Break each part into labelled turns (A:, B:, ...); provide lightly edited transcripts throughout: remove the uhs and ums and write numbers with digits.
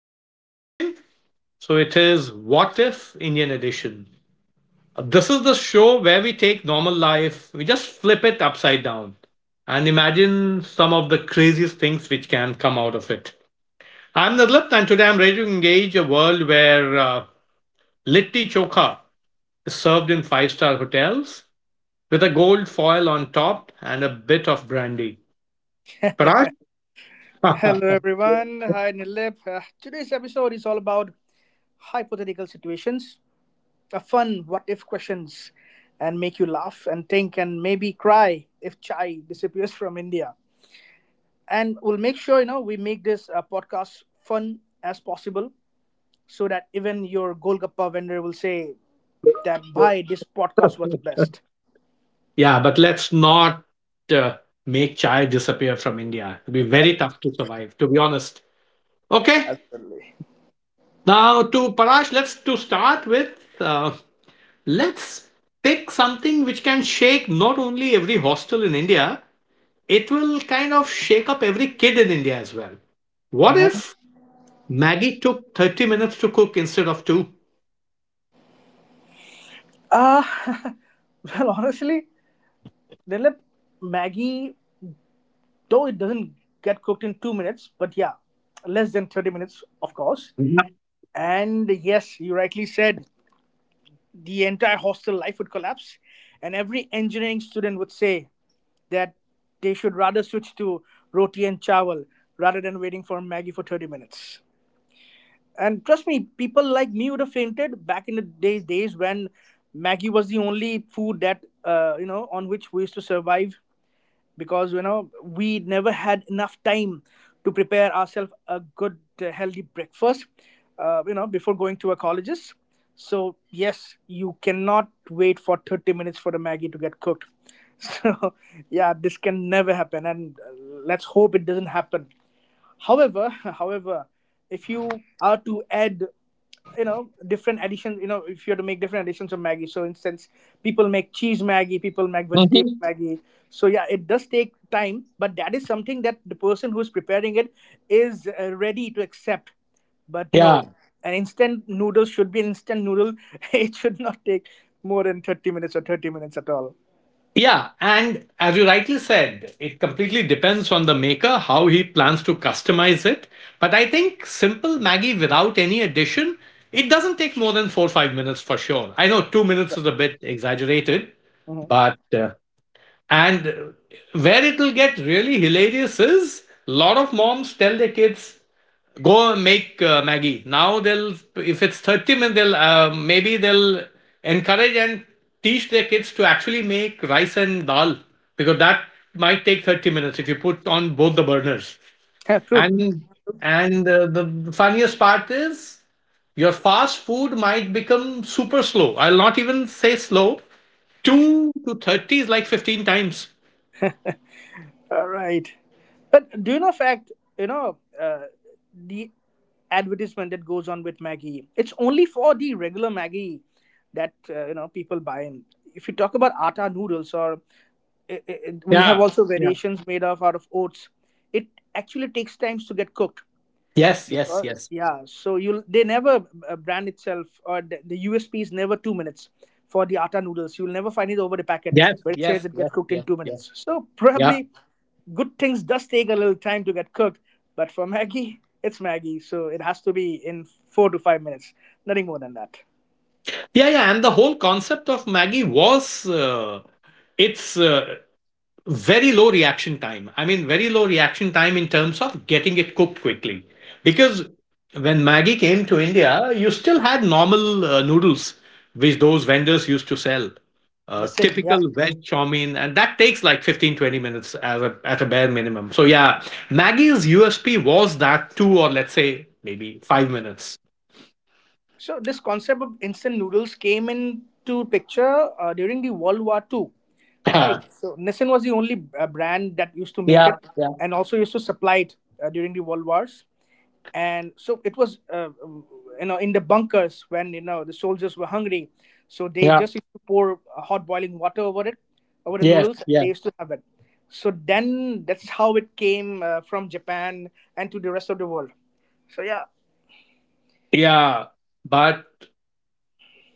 A: Pretty interesting. So, it is What If Indian Edition. This is the show where we take normal life, we just flip it upside down and imagine some of the craziest things which can come out of it. I'm Nadlip, and today I'm ready to engage a world where Litti Chokha is served in five-star hotels with a gold foil on top and a bit of brandy. Parag?
B: Hello, everyone. Hi, Nilip. Today's episode is all about hypothetical situations, a fun what if questions, and make you laugh and think and maybe cry if chai disappears from India. And we'll make sure we make this podcast fun as possible, so that even your Golgappa vendor will say that bye, this podcast was best.
A: Yeah, but let's not uh, make chai disappear from India. It'll be very tough to survive, to be honest. Okay,
B: Absolutely.
A: now to Parash, let's to start with. Uh, let's pick something which can shake not only every hostel in India, it will kind of shake up every kid in India as well. What if Maggie took 30 minutes to cook instead of two?
B: Uh, well, honestly, Nilip, Maggie though it doesn't get cooked in 2 minutes, but yeah, less than 30 minutes, of course.
A: Yeah.
B: And yes, you rightly said the entire hostel life would collapse, and every engineering student would say that they should rather switch to roti and chawal rather than waiting for Maggie for 30 minutes. And trust me, people like me would have fainted back in the days when Maggie was the only food that on which we used to survive, because we never had enough time to prepare ourselves a good healthy breakfast before going to our colleges, so yes, you cannot wait for 30 minutes for the maggie to get cooked. So yeah, this can never happen, and let's hope it doesn't happen. However, if you are to add different additions, if you are to make different additions of maggie, so instance, people make cheese maggie, people make vegetable
A: Mhm.
B: maggie, so yeah, it does take time, but that is something that the person who's preparing it is ready to accept. But
A: Yeah.
B: no, an instant noodle should be an instant noodle. It should not take more than 30 minutes or 30 minutes at all.
A: Yeah, and as you rightly said, it completely depends on the maker how he plans to customize it. But I think simple Maggie without any addition, it doesn't take more than 4 or 5 minutes for sure. I know 2 minutes is a
B: Right.
A: bit exaggerated,
B: Mhm.
A: but and where it'll get really hilarious is a lot of moms tell their kids, go make Maggie. Now they'll, if it's 30 minutes, maybe they'll encourage and teach their kids to actually make rice and dal because that might take 30 minutes if you put on both the burners.
B: True.
A: And, and The funniest part is your fast food might become super slow. I'll not even say slow. 2 to 30 is like 15 times.
B: All right. But do you know fact, the advertisement that goes on with Maggie, it's only for the regular Maggie that, people buy. And if you talk about atta noodles, or I, we have
A: Yeah.
B: also
A: Yeah.
B: variations made of out of oats, it actually takes times to get cooked,
A: Yes, yes,
B: because
A: yes.
B: yeah, so you, they never brand itself, or the USP is never 2 minutes for the atta noodles. You'll never find it over the packet
A: Yes,
B: where it says
A: yes,
B: it
A: yes,
B: gets cooked in
A: yes,
B: two
A: yes.
B: minutes so
A: Yeah.
B: probably good things does take a little time to get cooked. But for maggie, it's maggie, so it has to be in 4 to 5 minutes, nothing more than that.
A: Yeah, yeah, and the whole concept of Maggie was it's very low reaction time. I mean, very low reaction time in terms of getting it cooked quickly. Because when Maggie came to India, you still had normal noodles, which those vendors used to sell.
B: Listen, yeah.
A: Typical veg chow mein, and that takes like 15 20 minutes at a bare minimum. So, yeah, Maggie's USP was that two or let's say maybe 5 minutes.
B: So this concept of instant noodles came into picture during the World War II, right? So Nissin was the only brand that used to
A: Yeah,
B: make
A: yeah,
B: it, and also used to supply it during the World Wars. And so it was, in the bunkers, when the soldiers were hungry, so they
A: yeah,
B: just used to pour hot boiling water over it, over the
A: yes,
B: noodles. They
A: yes.
B: used to have it. So then that's how it came from Japan and to the rest of the world. So yeah.
A: Yeah, but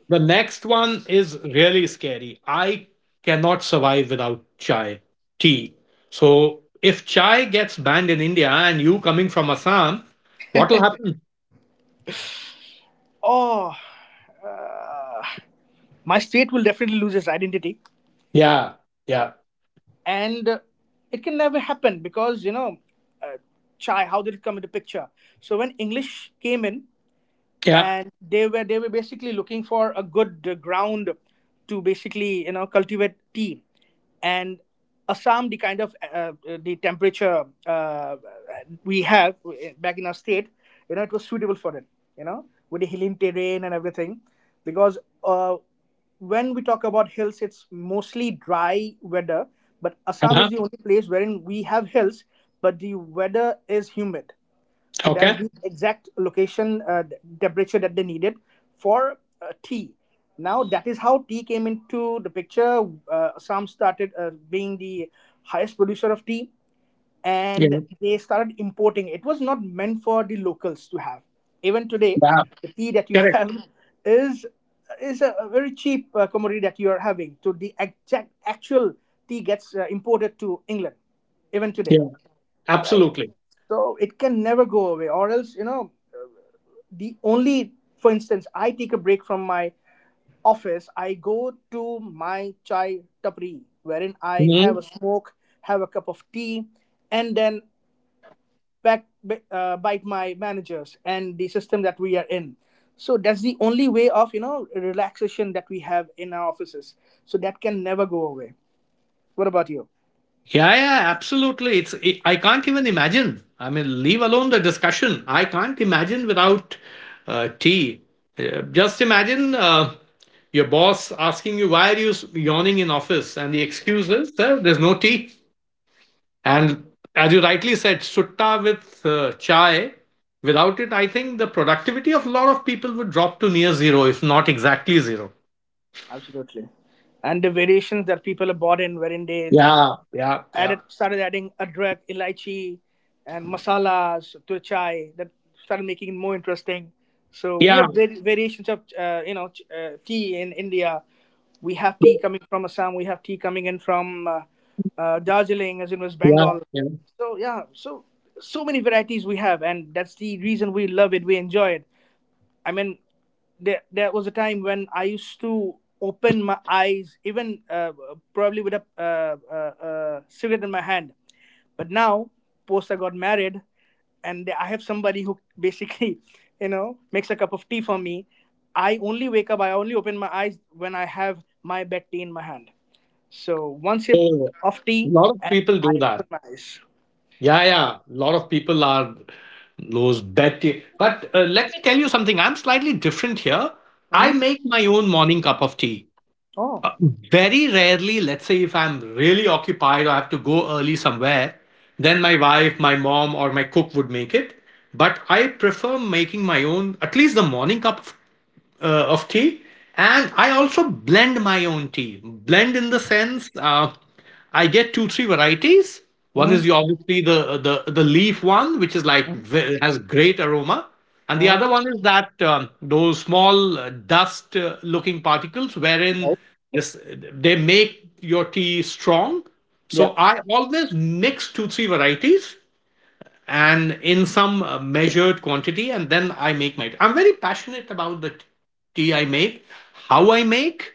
A: the next one is really scary. I cannot survive without chai tea. So if chai gets banned in India and you coming from Assam, what will happen?
B: Oh, uh, my state will definitely lose its identity,
A: Yeah, yeah,
B: and it can never happen, because uh, chai. How did it come into picture? So when English came in,
A: yeah.
B: and they were basically looking for a good ground to basically cultivate tea, and assam, the kind of the temperature we have back in our state, it was suitable for it, with the hilly terrain and everything, because uh, when we talk about hills, it's mostly dry weather, but assam is
A: Uh-huh.
B: the only place wherein we have hills, but the weather is humid, so that's
A: Okay.
B: the exact location, temperature, that they needed for tea. Now that is how tea came into the picture. Assam started being the highest producer of tea, and
A: Yeah.
B: they started importing. It was not meant for the locals to have. Even today,
A: Yeah.
B: the tea that you
A: Correct.
B: have is is a very cheap commodity that you are having. So the exact actual tea gets imported to England, even today,
A: Yeah.
B: right?
A: Absolutely.
B: So it can never go away, or else the only, for instance, I take a break from my office, I go to my chai tapri wherein I have a smoke, have a cup of tea, and then back, bite my managers and the system that we are in, so that's the only way of relaxation that we have in our offices, so that can never go away. What about you?
A: Yeah, yeah, absolutely. It's I can't even imagine. I mean, leave alone the discussion. I can't imagine without tea. Just imagine your boss asking you why are you yawning in office, and the excuse is "Sir, there's no tea. And as you rightly said, sutta with chai. Without it, I think the productivity of a lot of people would drop to near zero, if not exactly zero.
B: Absolutely. And the variations that people are bought in wherein they
A: Yeah, yeah, yeah,
B: added started adding adrak, elaichi, and masalas to the chai, that started making it more interesting. So we
A: yeah,
B: have variations of tea in India. We have tea coming from Assam. We have tea coming in from Darjeeling, as in West
A: yeah,
B: Bengal.
A: yeah.
B: So yeah, so many varieties we have, and that's the reason we love it. We enjoy it. I mean, there was a time when I used to open my eyes, even probably with a cigarette in my hand. But now, post I got married, and I have somebody who basically, makes a cup of tea for me. I only wake up, I only open my eyes when I have my bed tea in my hand. So one
A: So,
B: sip
A: a
B: of tea,
A: lot of
B: and
A: people do
B: I
A: that.
B: open my eyes.
A: Yeah, yeah. A lot of people are those bad tea. But let me tell you something. I'm slightly different here. I
B: Mm-hmm.
A: make my own morning cup of tea.
B: Oh.
A: Uh, Very rarely, let's say if I'm really occupied or I have to go early somewhere, then my wife, my mom, or my cook would make it. But I prefer making my own, at least the morning cup of tea, and I also blend my own tea blend in the sense I get 2 3 varieties. One is the,
B: Mm-hmm.
A: obviously the, the the leaf one, which is like has great aroma, and the other
B: Mm-hmm.
A: one is that those small dust looking particles wherein
B: Right.
A: this, they make your tea strong. So
B: Yeah.
A: I always mix 2 3 varieties and in some measured quantity, and then I make my tea. I'm very passionate about the tea I make, how I make,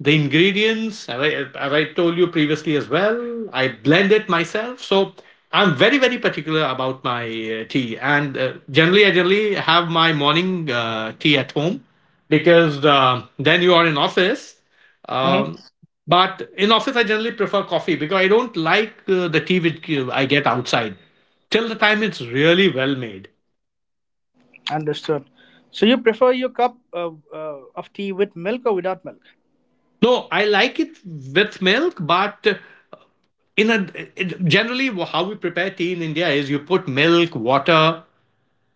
A: the ingredients as I told you previously as well. I blend it myself, so I'm very very particular about my tea. And generally I generally have my morning tea at home because then you are in office.
B: Mhm.
A: um, but in office, I generally prefer coffee because I don't like the tea which I get outside. Till the time it's really well made.
B: Understood. So you prefer your cup of tea with milk or without milk?
A: No, I like it with milk, but in a generally how we prepare tea in India is you put milk, water,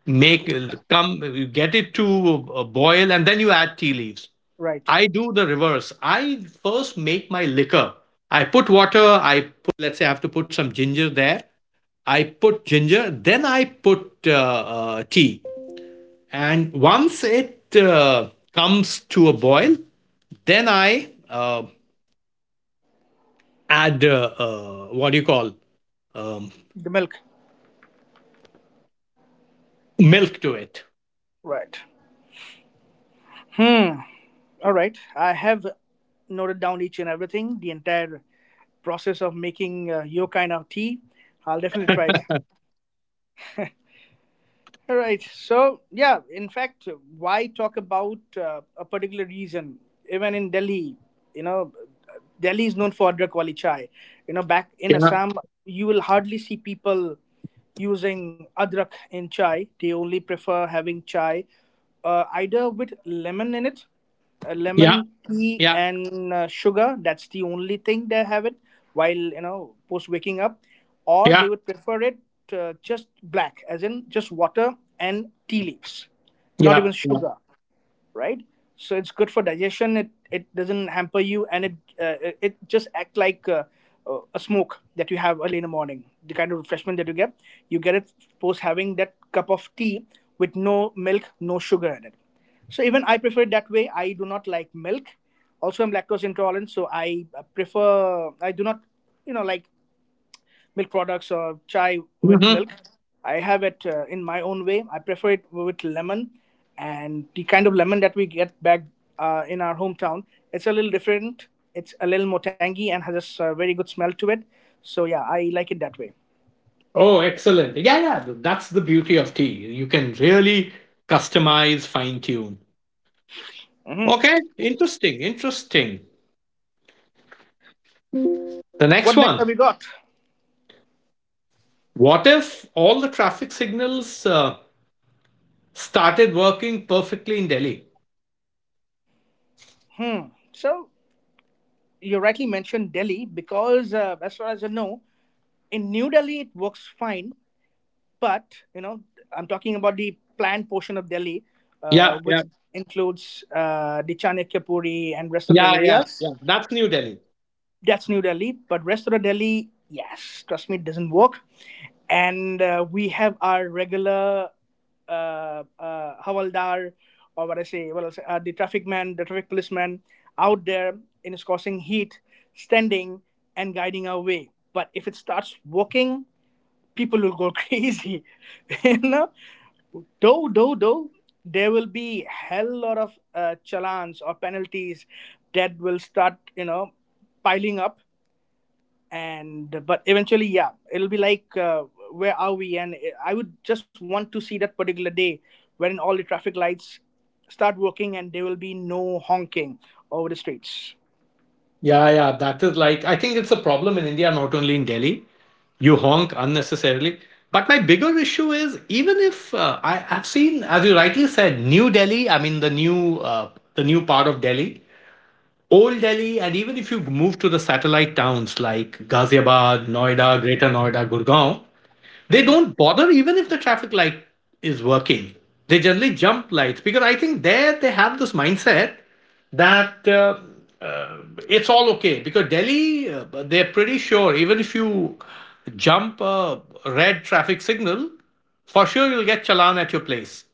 A: make come you get it to boil, and then you add tea leaves.
B: Right.
A: I do the reverse. I first make my liquor. I put water.
B: The milk. Right. Hmm. All right. I have noted down each and everything, the entire process of making your kind of tea. I'll definitely try it. All right. So, yeah, in fact, why talk about a particular region? Even in Delhi, you know, Delhi is known for Adrak Wali Chai. Back in
A: Yeah,
B: Assam, you will hardly see people using Adrak in chai. They only prefer having chai either with lemon in it,
A: yeah,
B: lemon tea
A: yeah,
B: and sugar, that's the only thing they have it, while post waking up, or
A: yeah,
B: they would prefer it just black, as in just water and tea leaves, not
A: yeah,
B: even
A: yeah.
B: sugar, right? So it's good for digestion. It doesn't hamper you, and it just act like a smoke that you have early in the morning. The kind of refreshment that you get it post having that cup of tea with no milk, no sugar in it. So even I prefer it that way. I do not like milk. Also, I'm lactose intolerant, so I prefer. I do not, like milk products or chai with
A: Mhm.
B: milk. I have it in my own way. I prefer it with lemon, and the kind of lemon that we get back in our hometown, it's a little different. It's a little more tangy and has a very good smell to it. So yeah, I like it that way.
A: Oh, excellent. Yeah, yeah. That's the beauty of tea. You can really customize, fine tune. Okay, interesting, interesting. The
B: What
A: next
B: next
A: one.
B: have we got?
A: What if all the traffic signals started working perfectly in Delhi?
B: Hmm. So you rightly mentioned Delhi because, as far as I know, in New Delhi it works fine, but I'm talking about the planned portion of delhi,
A: Yeah, yeah,
B: which includes the chanakya and rest of the
A: yeah, yeah, yeah.
B: areas.
A: That's New Delhi.
B: That's New Delhi, but rest of the delhi, yes, trust me, it doesn't work. And we have our regular Havaldar, or what I say, what else, the traffic man, the traffic policeman out there in his causing heat, standing and guiding our way. But if it starts working, people will go crazy. you know though there will be hell lot of challans or penalties that will start piling up, and but eventually yeah, it'll be like where are we. And I would just want to see that particular day when all the traffic lights start working, and there will be no honking over the streets.
A: Yeah, yeah. That is like, I think it's a problem in India, not only in Delhi. You honk unnecessarily. But my bigger issue is even if I have seen, as you rightly said, New Delhi. I mean the new part of Delhi, Old Delhi, and even if you move to the satellite towns like Ghaziabad, Noida, Greater Noida, Gurgaon, they don't bother even if the traffic light is working. They generally jump lights because I think there they have this mindset that uh, it's all okay because Delhi they're pretty sure even if you jump a red traffic signal, for sure you'll get challan at your place.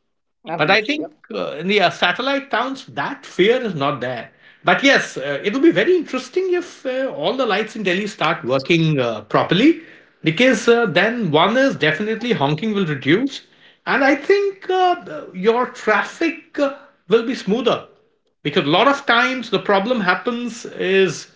A: But I
B: Absolutely, yeah.
A: think in the satellite towns, that fear is not there. But yes, it will be very interesting if all the lights in Delhi start working properly, because then one is definitely honking will reduce, and I think your traffic will be smoother. Because a lot of times the problem happens is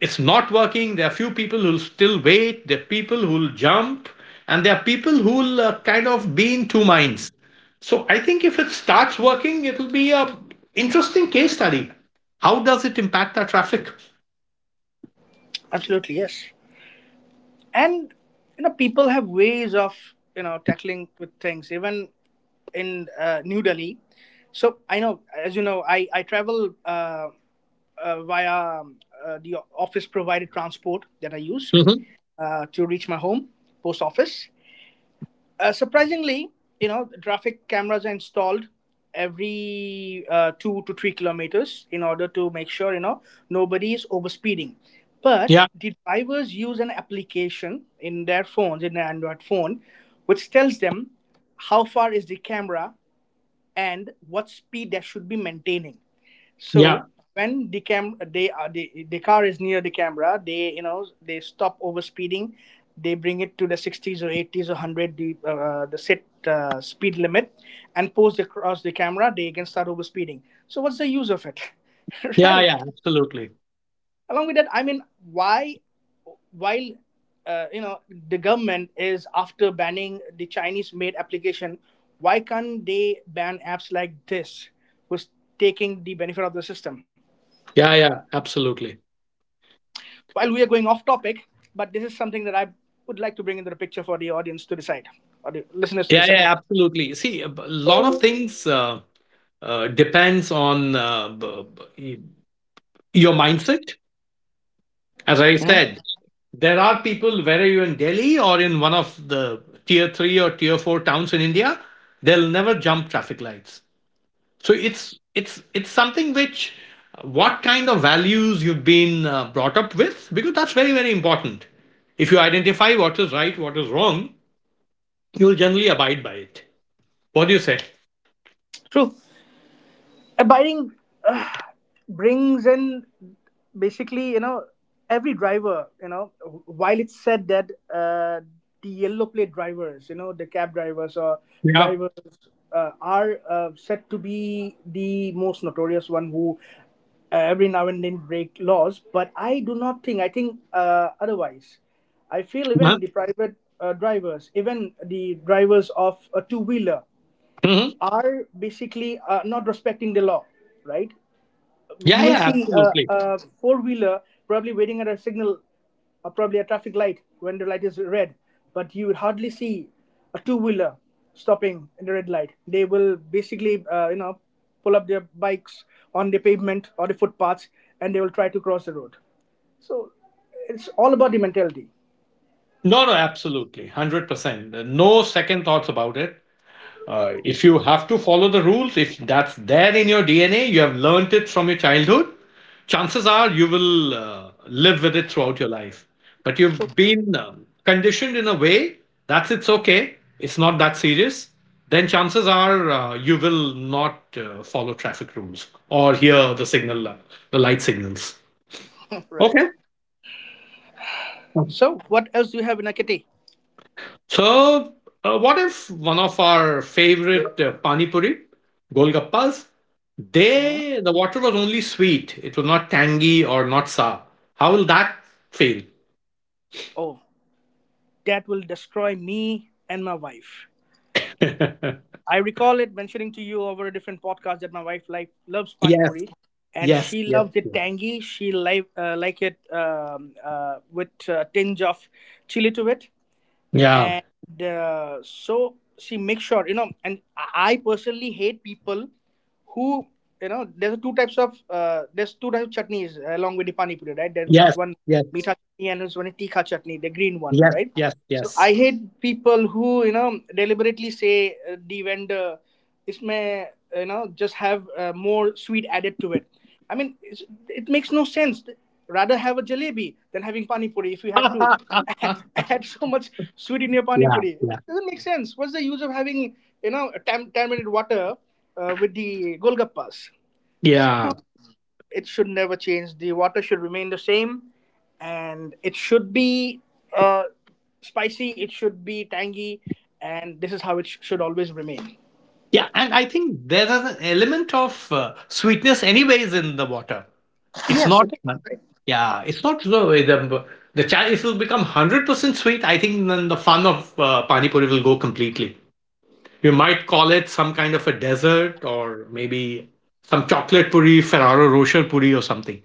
A: it's not working. There are few people who'll still wait. There are people who'll jump, and there are people who'll kind of be in two minds, so I think if it starts working, it'll be a interesting case study. How does it impact our traffic?
B: Absolutely, yes. And people have ways of tackling with things, even in new delhi. So I know, as you know, I travel via um, the office provided transport that I use
A: Hmm.
B: to reach my home post office. Surprisingly traffic cameras are installed every 2 to 3 kilometers in order to make sure nobody is overspeeding. But
A: Yeah,
B: the drivers use an application in their phones, in their Android phone, which tells them how far is the camera and what speed that should be maintaining. So
A: yeah,
B: when the car is near the camera, they you know they stop over speeding, they bring it to the 60s or 80s or 100, the set speed limit, and post across the camera. They again start over speeding. So what's the use of it?
A: yeah,
B: Right?
A: yeah, absolutely.
B: Along with that, why while uh, you know the government is after banning the Chinese made application, why can't they ban apps like this who's taking the benefit of the system?
A: Yeah, yeah, absolutely.
B: While we are going off topic, but this is something that I would like to bring into the picture for the audience to decide or the listeners to
A: Yeah,
B: decide.
A: yeah, absolutely. See, a lot of things depends on b- y- your mindset. As I said, there are people, whether you're in Delhi or in one of the tier three or tier four towns in India, they'll never jump traffic lights. So it's something which what kind of values you've been brought up with, because that's very very important. If you identify what is right, what is wrong, you'll generally abide by it. What do you say?
B: True. Abiding uh, brings in, basically, every driver, while it's said that the yellow plate drivers, you know, the cab drivers or
A: Yeah.
B: drivers are said to be the most notorious one who every now and then break laws, but I do not think. I think otherwise. I feel
A: Huh?
B: even the private drivers, even the drivers of a two wheeler
A: Mhm.
B: are basically not respecting the law, right? You
A: Yeah,
B: will
A: yeah,
B: see
A: absolutely.
B: a four wheeler probably waiting at a signal or probably a traffic light when the light is red, but you would hardly see a two wheeler stopping in the red light. They will basically, pull up their bikes on the pavement or the footpaths, and they will try to cross the road. So it's all about the mentality.
A: No, no, absolutely. 100%. No second thoughts about it. If you have to follow the rules, if that's there in your DNA, you have learnt it from your childhood, chances are you will live with it throughout your life. But
B: So,
A: you've been conditioned in a way that's it's okay, it's not that serious, then chances are you will not follow traffic rules or hear the signal, the light signals. Okay.
B: right. So, what else do you have in Akati?
A: So, what if one of our favorite pani puri, golgappas, they the water was only sweet. It was not tangy or not sour. How will that feel?
B: Oh, that will destroy me and my wife. I recall it mentioning to you over a different podcast that my wife like loves pani
A: Yes,
B: puri, and
A: yes,
B: she
A: yes,
B: loves it
A: yes,
B: tangy. She like it with a tinge of chili to it,
A: yeah.
B: and so she makes sure, and I personally hate people who, there's two types of there's two types of chutneys along with the pani puri, right? There, there's
A: Yes,
B: one
A: yes,
B: meetha chutney and there's one tikha chutney, the green one,
A: yes,
B: right?
A: yes,
B: So
A: yes.
B: I hate people who, deliberately say the vendor इसमें, just have more sweet added to it. I mean, it makes no sense. Rather have a jalebi than having pani puri. If you had to
A: Yeah,
B: add so much sweet in your pani
A: yeah.
B: puri, it doesn't make sense. What's the use of having, tamarind water with the golgappas? So
A: Yeah.
B: it should never change. The water should remain the same, and it should be uh, spicy. It should be tangy, and this is how it should always remain.
A: Yeah, and I think there is an element of sweetness anyways in the water. It's
B: Yes,
A: not
B: it is.
A: yeah, it's not the the cha if it'll become 100% sweet, I think then the fun of pani puri will go completely. You might call it some kind of a dessert, or maybe some chocolate puri, Ferrero Rocher puri or something.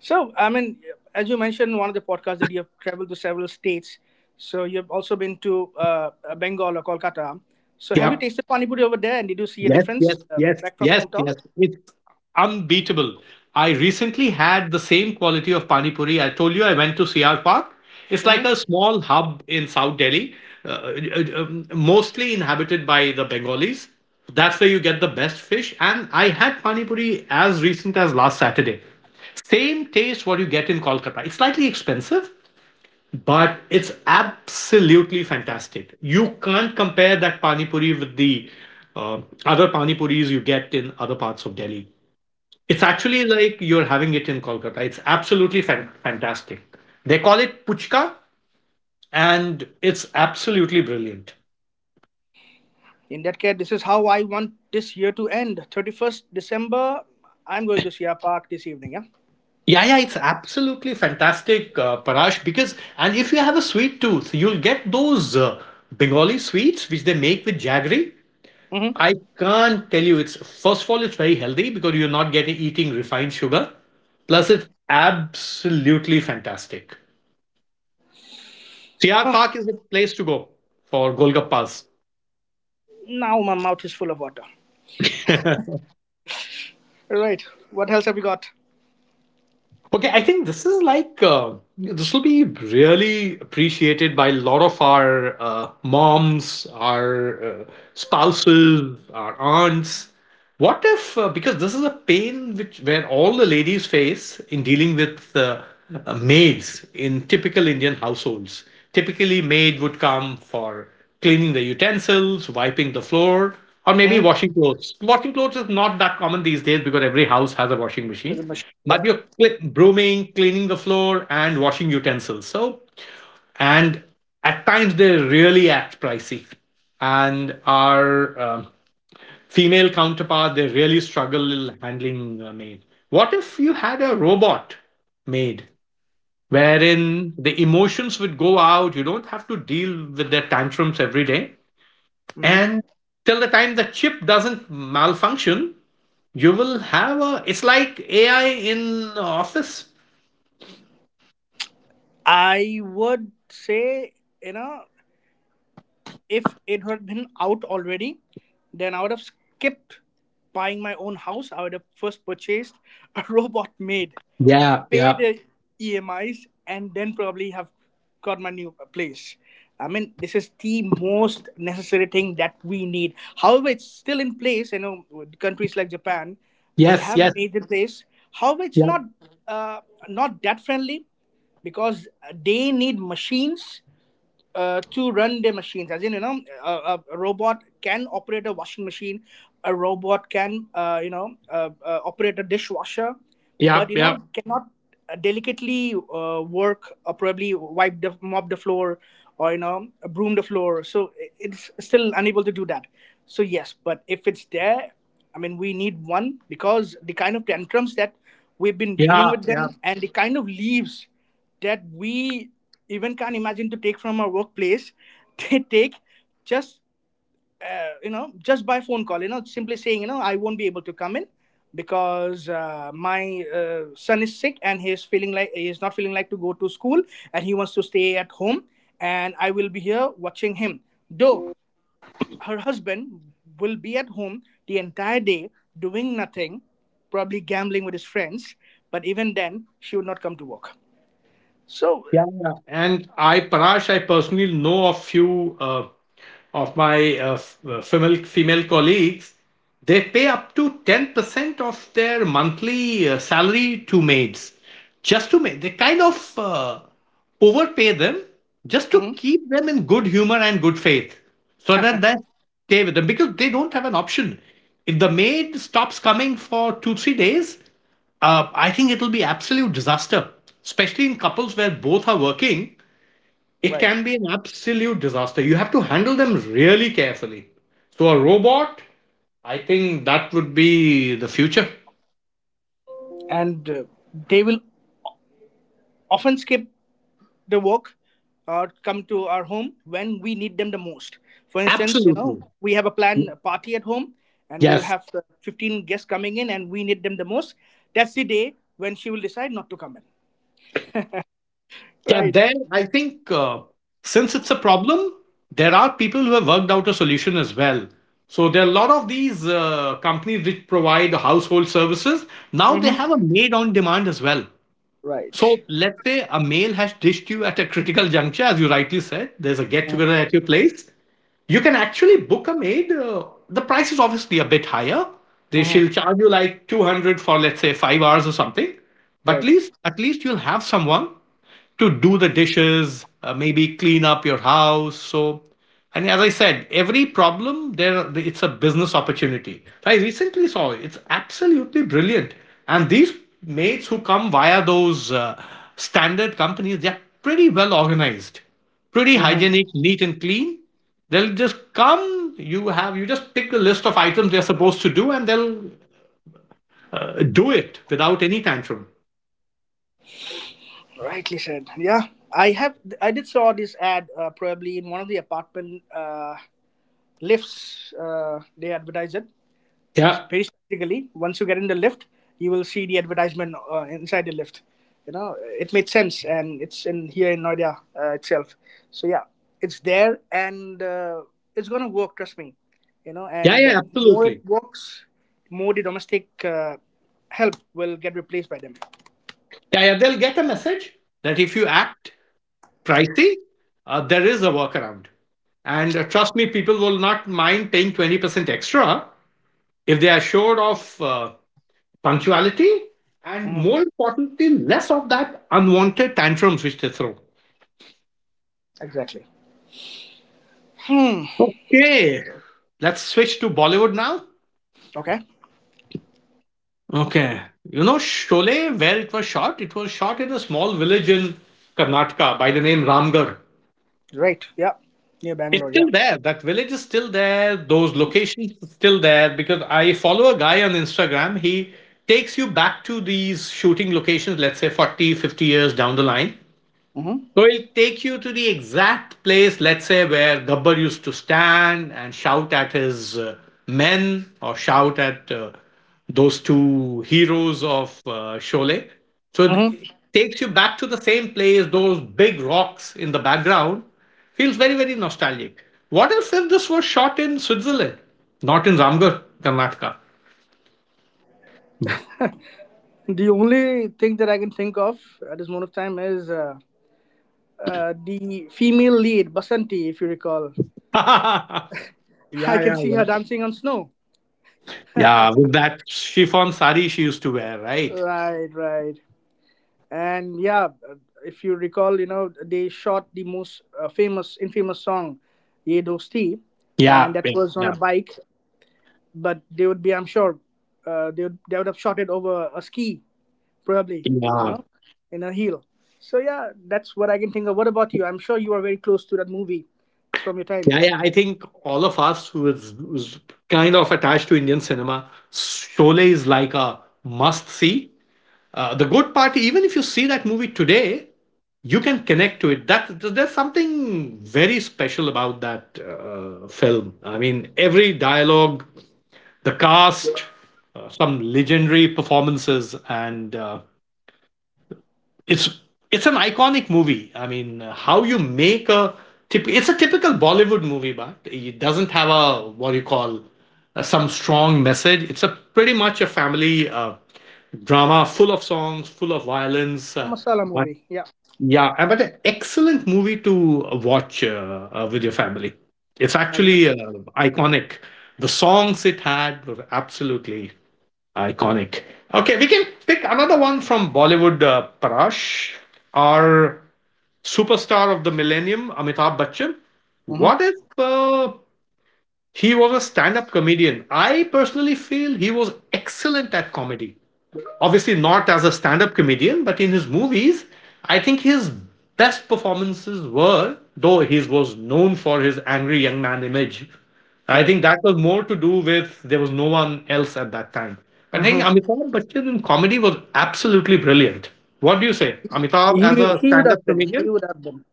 B: So, I mean, as you mentioned in one of the podcasts that you have traveled to several states. So, you've also been to Bengal or Kolkata. So, have you
A: Yeah.
B: tasted pani puri over there, and did you see a
A: Yes, yes,
B: difference
A: yes,
B: back from your
A: yes,
B: hometown?
A: yes. It's unbeatable. I recently had the same quality of pani puri. I told you I went to CR Park. It's like a
B: Mm-hmm.
A: small hub in South Delhi, mostly inhabited by the Bengalis. That's where you get the best fish. And I had pani puri as recent as last Saturday. Same taste what you get in Kolkata. It's slightly expensive, but it's absolutely fantastic. You can't compare that pani puri with the uh, other pani puris you get in other parts of Delhi. It's
B: Wow.
A: actually like you're having it in Kolkata. It's absolutely fantastic. They call it puchka, and it's absolutely brilliant.
B: In that case, this is how I want this year to end. 31st December, I'm going to Shia Park this evening. Yeah.
A: Yeah, yeah, it's absolutely fantastic, Parash. Because and if you have a sweet tooth, you'll get those Bengali sweets which they make with jaggery.
B: Mm-hmm.
A: I can't tell you. It's first of all, it's very healthy because you're not getting eating refined sugar.
B: Right.
A: Plus, it's absolutely fantastic. CR Park is a place to go for Golgappas.
B: Now my mouth is full of water. Right. What else have you got?
A: Okay, I think this is like this will be really appreciated by a lot of our moms, our spouses, our aunts. What if because this is a pain which where all the ladies face in dealing with maids in typical Indian households. Typically, maid would come for cleaning the utensils, wiping the floor, or maybe
B: Mm-hmm.
A: washing clothes. Washing clothes is not that common these days because every house has a washing
B: As
A: machine.
B: a machine. Yeah.
A: But you're brooming, cleaning the floor, and washing utensils. So, and at times they really act pricey and are female counterpart, they really struggle handling a maid. What if you had a robot maid wherein the emotions would go out? You don't have to deal with their tantrums every day. And till the time the chip doesn't malfunction, you will have a. It's like AI in office.
B: I would say, you know, if it had been out already, then I would have skipped buying my own house. I would have first purchased a robot maid,
A: Yeah,
B: pay
A: yeah.
B: the EMIs, and then probably have got my new place. I mean, this is the most necessary thing that we need. However, it's still in place. You know, with countries like Japan, they
A: Yes, yes.
B: have made it place. However, it's
A: Yeah,
B: not uh, not that friendly because they need machines to run their machines. As in, you know, a robot can operate a washing machine, a robot can, operate a dishwasher,
A: yeah,
B: but you know,
A: yeah,
B: mhm, cannot delicately work or probably wipe the mop the floor or, you know, broom the floor. So it's still unable to do that. So yes, but if it's there, I mean, we need one because the kind of tantrums that we've been dealing
A: yeah,
B: with
A: yeah.
B: them, and the kind of leaves that we even can't imagine to take from our workplace, they take just just by phone call, simply saying, I won't be able to come in because my son is sick and he's feeling like, he's not feeling like to go to school, and he wants to stay at home, and I will be here watching him, though her husband will be at home the entire day doing nothing, probably gambling with his friends, but even then she would not come to work. So,
A: Yeah, yeah. And Parash, I personally know of few of my female colleagues. They pay up to 10% of their monthly salary to maids, just to make they kind of overpay them just to
B: mhm.
A: keep them in good humor and good faith, so that they stay with them because they don't have an option. If the maid stops coming for 2 3 days, I think it'll be absolute disaster, especially in couples where both are working. It
B: Right.
A: can be an absolute disaster. You have to handle them really carefully. So a robot, I think that would be the future.
B: And they will often skip the work or come to our home when we need them the most. For instance, you know,
A: Absolutely.
B: we have a planned party at home, and we'll
A: Yes.
B: have 15 guests coming in, and we need them the most. That's the day when she will decide not to come in.
A: Yeah.
B: Right.
A: There, I think since it's a problem, there are people who have worked out a solution as well. So there are a lot of these companies which provide household services. Now they have
B: Mm-hmm.
A: a maid on demand as well. So
B: Right.
A: let's say a male has ditched you at a critical juncture, as you rightly said. There's a get together at your place, you can actually book a maid. The price is obviously a bit higher. They She'll
B: Mm-hmm.
A: charge you like 200 for let's say 5 hours or something. But
B: Right.
A: at least you'll have someone to do the dishes, maybe clean up your house. So, and as I said, every problem there it's a business opportunity. So I recently saw it. It's absolutely brilliant. And these maids who come via those standard companies, they're pretty well organized, pretty
B: Mm-hmm.
A: hygienic, neat and clean. They'll just come. You just pick the list of items they're supposed to do, and they'll do it without any tantrum.
B: Rightly said. Yeah. I have, I did saw this ad probably in one of the apartment lifts. They advertise it
A: Yeah,
B: very strategically. Once you get in the lift, you will see the advertisement inside the lift. You know, it made sense, and it's in here in Noida itself. So yeah, it's there, and it's gonna work. Trust me. You know,
A: yeah,
B: and
A: yeah,
B: more
A: absolutely.
B: it works, more the domestic help will get replaced by them.
A: Yeah, yeah. They'll get a message that if you act pricey, there is a workaround. And trust me, people will not mind paying 20% extra if they are assured of punctuality and,
B: Hmm.
A: more importantly, less of that unwanted tantrums which they throw.
B: Exactly. Mm,
A: Okay, let's switch to Bollywood now.
B: okay.
A: Okay. You know, Sholay, where it was shot in a small village in Karnataka by the name Ramgarh.
B: Right. Yeah. Near
A: It's
B: Bangalore. Yeah.
A: still there. That village is still there. Those
B: Mm-hmm.
A: locations are still there because I follow a guy on Instagram. He takes you back to these shooting locations, let's say 40, 50 years down the line.
B: Mm-hmm.
A: So it'll take you to the exact place, let's say, where Gabbar used to stand and shout at his men or shout at those two heroes of Sholay. So
B: Mm-hmm.
A: it takes you back to the same place, those big rocks in the background. Feels very, very nostalgic. What if this was shot in Switzerland, not in Ramgarh, Karnataka?
B: The only thing that I can think of at this moment of time is. The female lead, Basanti, if you recall.
A: Yeah,
B: I can
A: yeah,
B: see
A: yeah.
B: her dancing on snow.
A: Yeah, with that chiffon sari she used to wear, right?
B: Right, right. And yeah, if you recall, you know, they shot the most famous, infamous song, Ye Dosti,
A: Yeah,
B: and that
A: yeah,
B: was on
A: yeah.
B: a bike, but they would be, I'm sure, they would have shot it over a ski, probably, you
A: Yeah.
B: know, in a heel. So yeah, that's what I can think of. What about you? I'm sure you are very close to that movie. It's from your time.
A: Yeah, yeah. I think all of us who's kind of attached to Indian cinema, Sholay is like a must see. The good part, even if you see that movie today, you can connect to it. That there's something very special about that film. I mean, every dialogue, the cast, some legendary performances, and it's it's an iconic movie. I mean, how you make a it's a typical Bollywood movie, but it doesn't have a what do you call some strong message. It's a pretty much a family drama, full of songs, full of violence.
B: A masala
A: But
B: movie. Yeah,
A: yeah, but an excellent movie to watch with your family. It's actually
B: absolutely.
A: iconic. The songs it had were absolutely iconic. Okay, we can pick another one from Bollywood, Parash. Our superstar of the millennium, Amitabh Bachchan. What
B: Mm-hmm.
A: if he was a stand up comedian? I personally feel he was excellent at comedy. Obviously, not as a stand up comedian, but in his movies, I think his best performances were, though he was known for his angry young man image, I
B: Right.
A: think that was more to do with there was no one else at that time. I
B: Hmm.
A: think Amitabh Bachchan in comedy was absolutely brilliant. What do you say? Amitabh as
B: He
A: a
B: he would
A: stand
B: have
A: up
B: been. He
A: comedian?
B: would have been.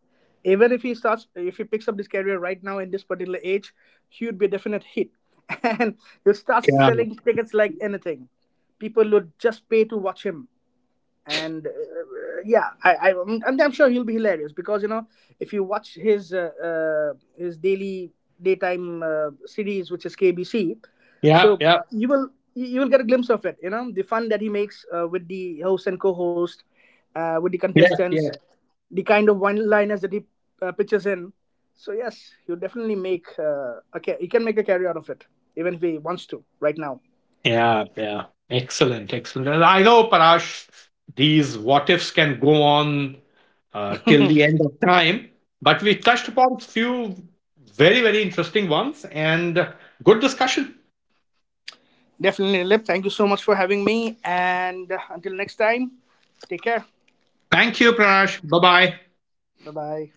B: Even if he starts, if he picks up this career right now in this particular age, he would be a definite hit, and he'll start
A: Yeah,
B: selling tickets like anything. People would just pay to watch him. And yeah, I'm sure he'll be hilarious, because you know, if you watch his daily daytime series, which is KBC,
A: yeah,
B: so
A: yeah,
B: you will get a glimpse of it. You know the fun that he makes with the host and co-host, with the
A: yeah,
B: contestants,
A: yeah.
B: the kind of one-liners that he pitches in. So yes, he'll definitely make he can make a career out of it, even if he wants to right now.
A: Yeah, yeah. Excellent, excellent. And I know, Parash, these what ifs can go on till the end of time, but we touched upon few very, very interesting ones and good discussion.
B: Definitely, Dilip. Thank you so much for having me. And until next time, take care.
A: Thank you, Pranash. Bye bye.
B: Bye bye.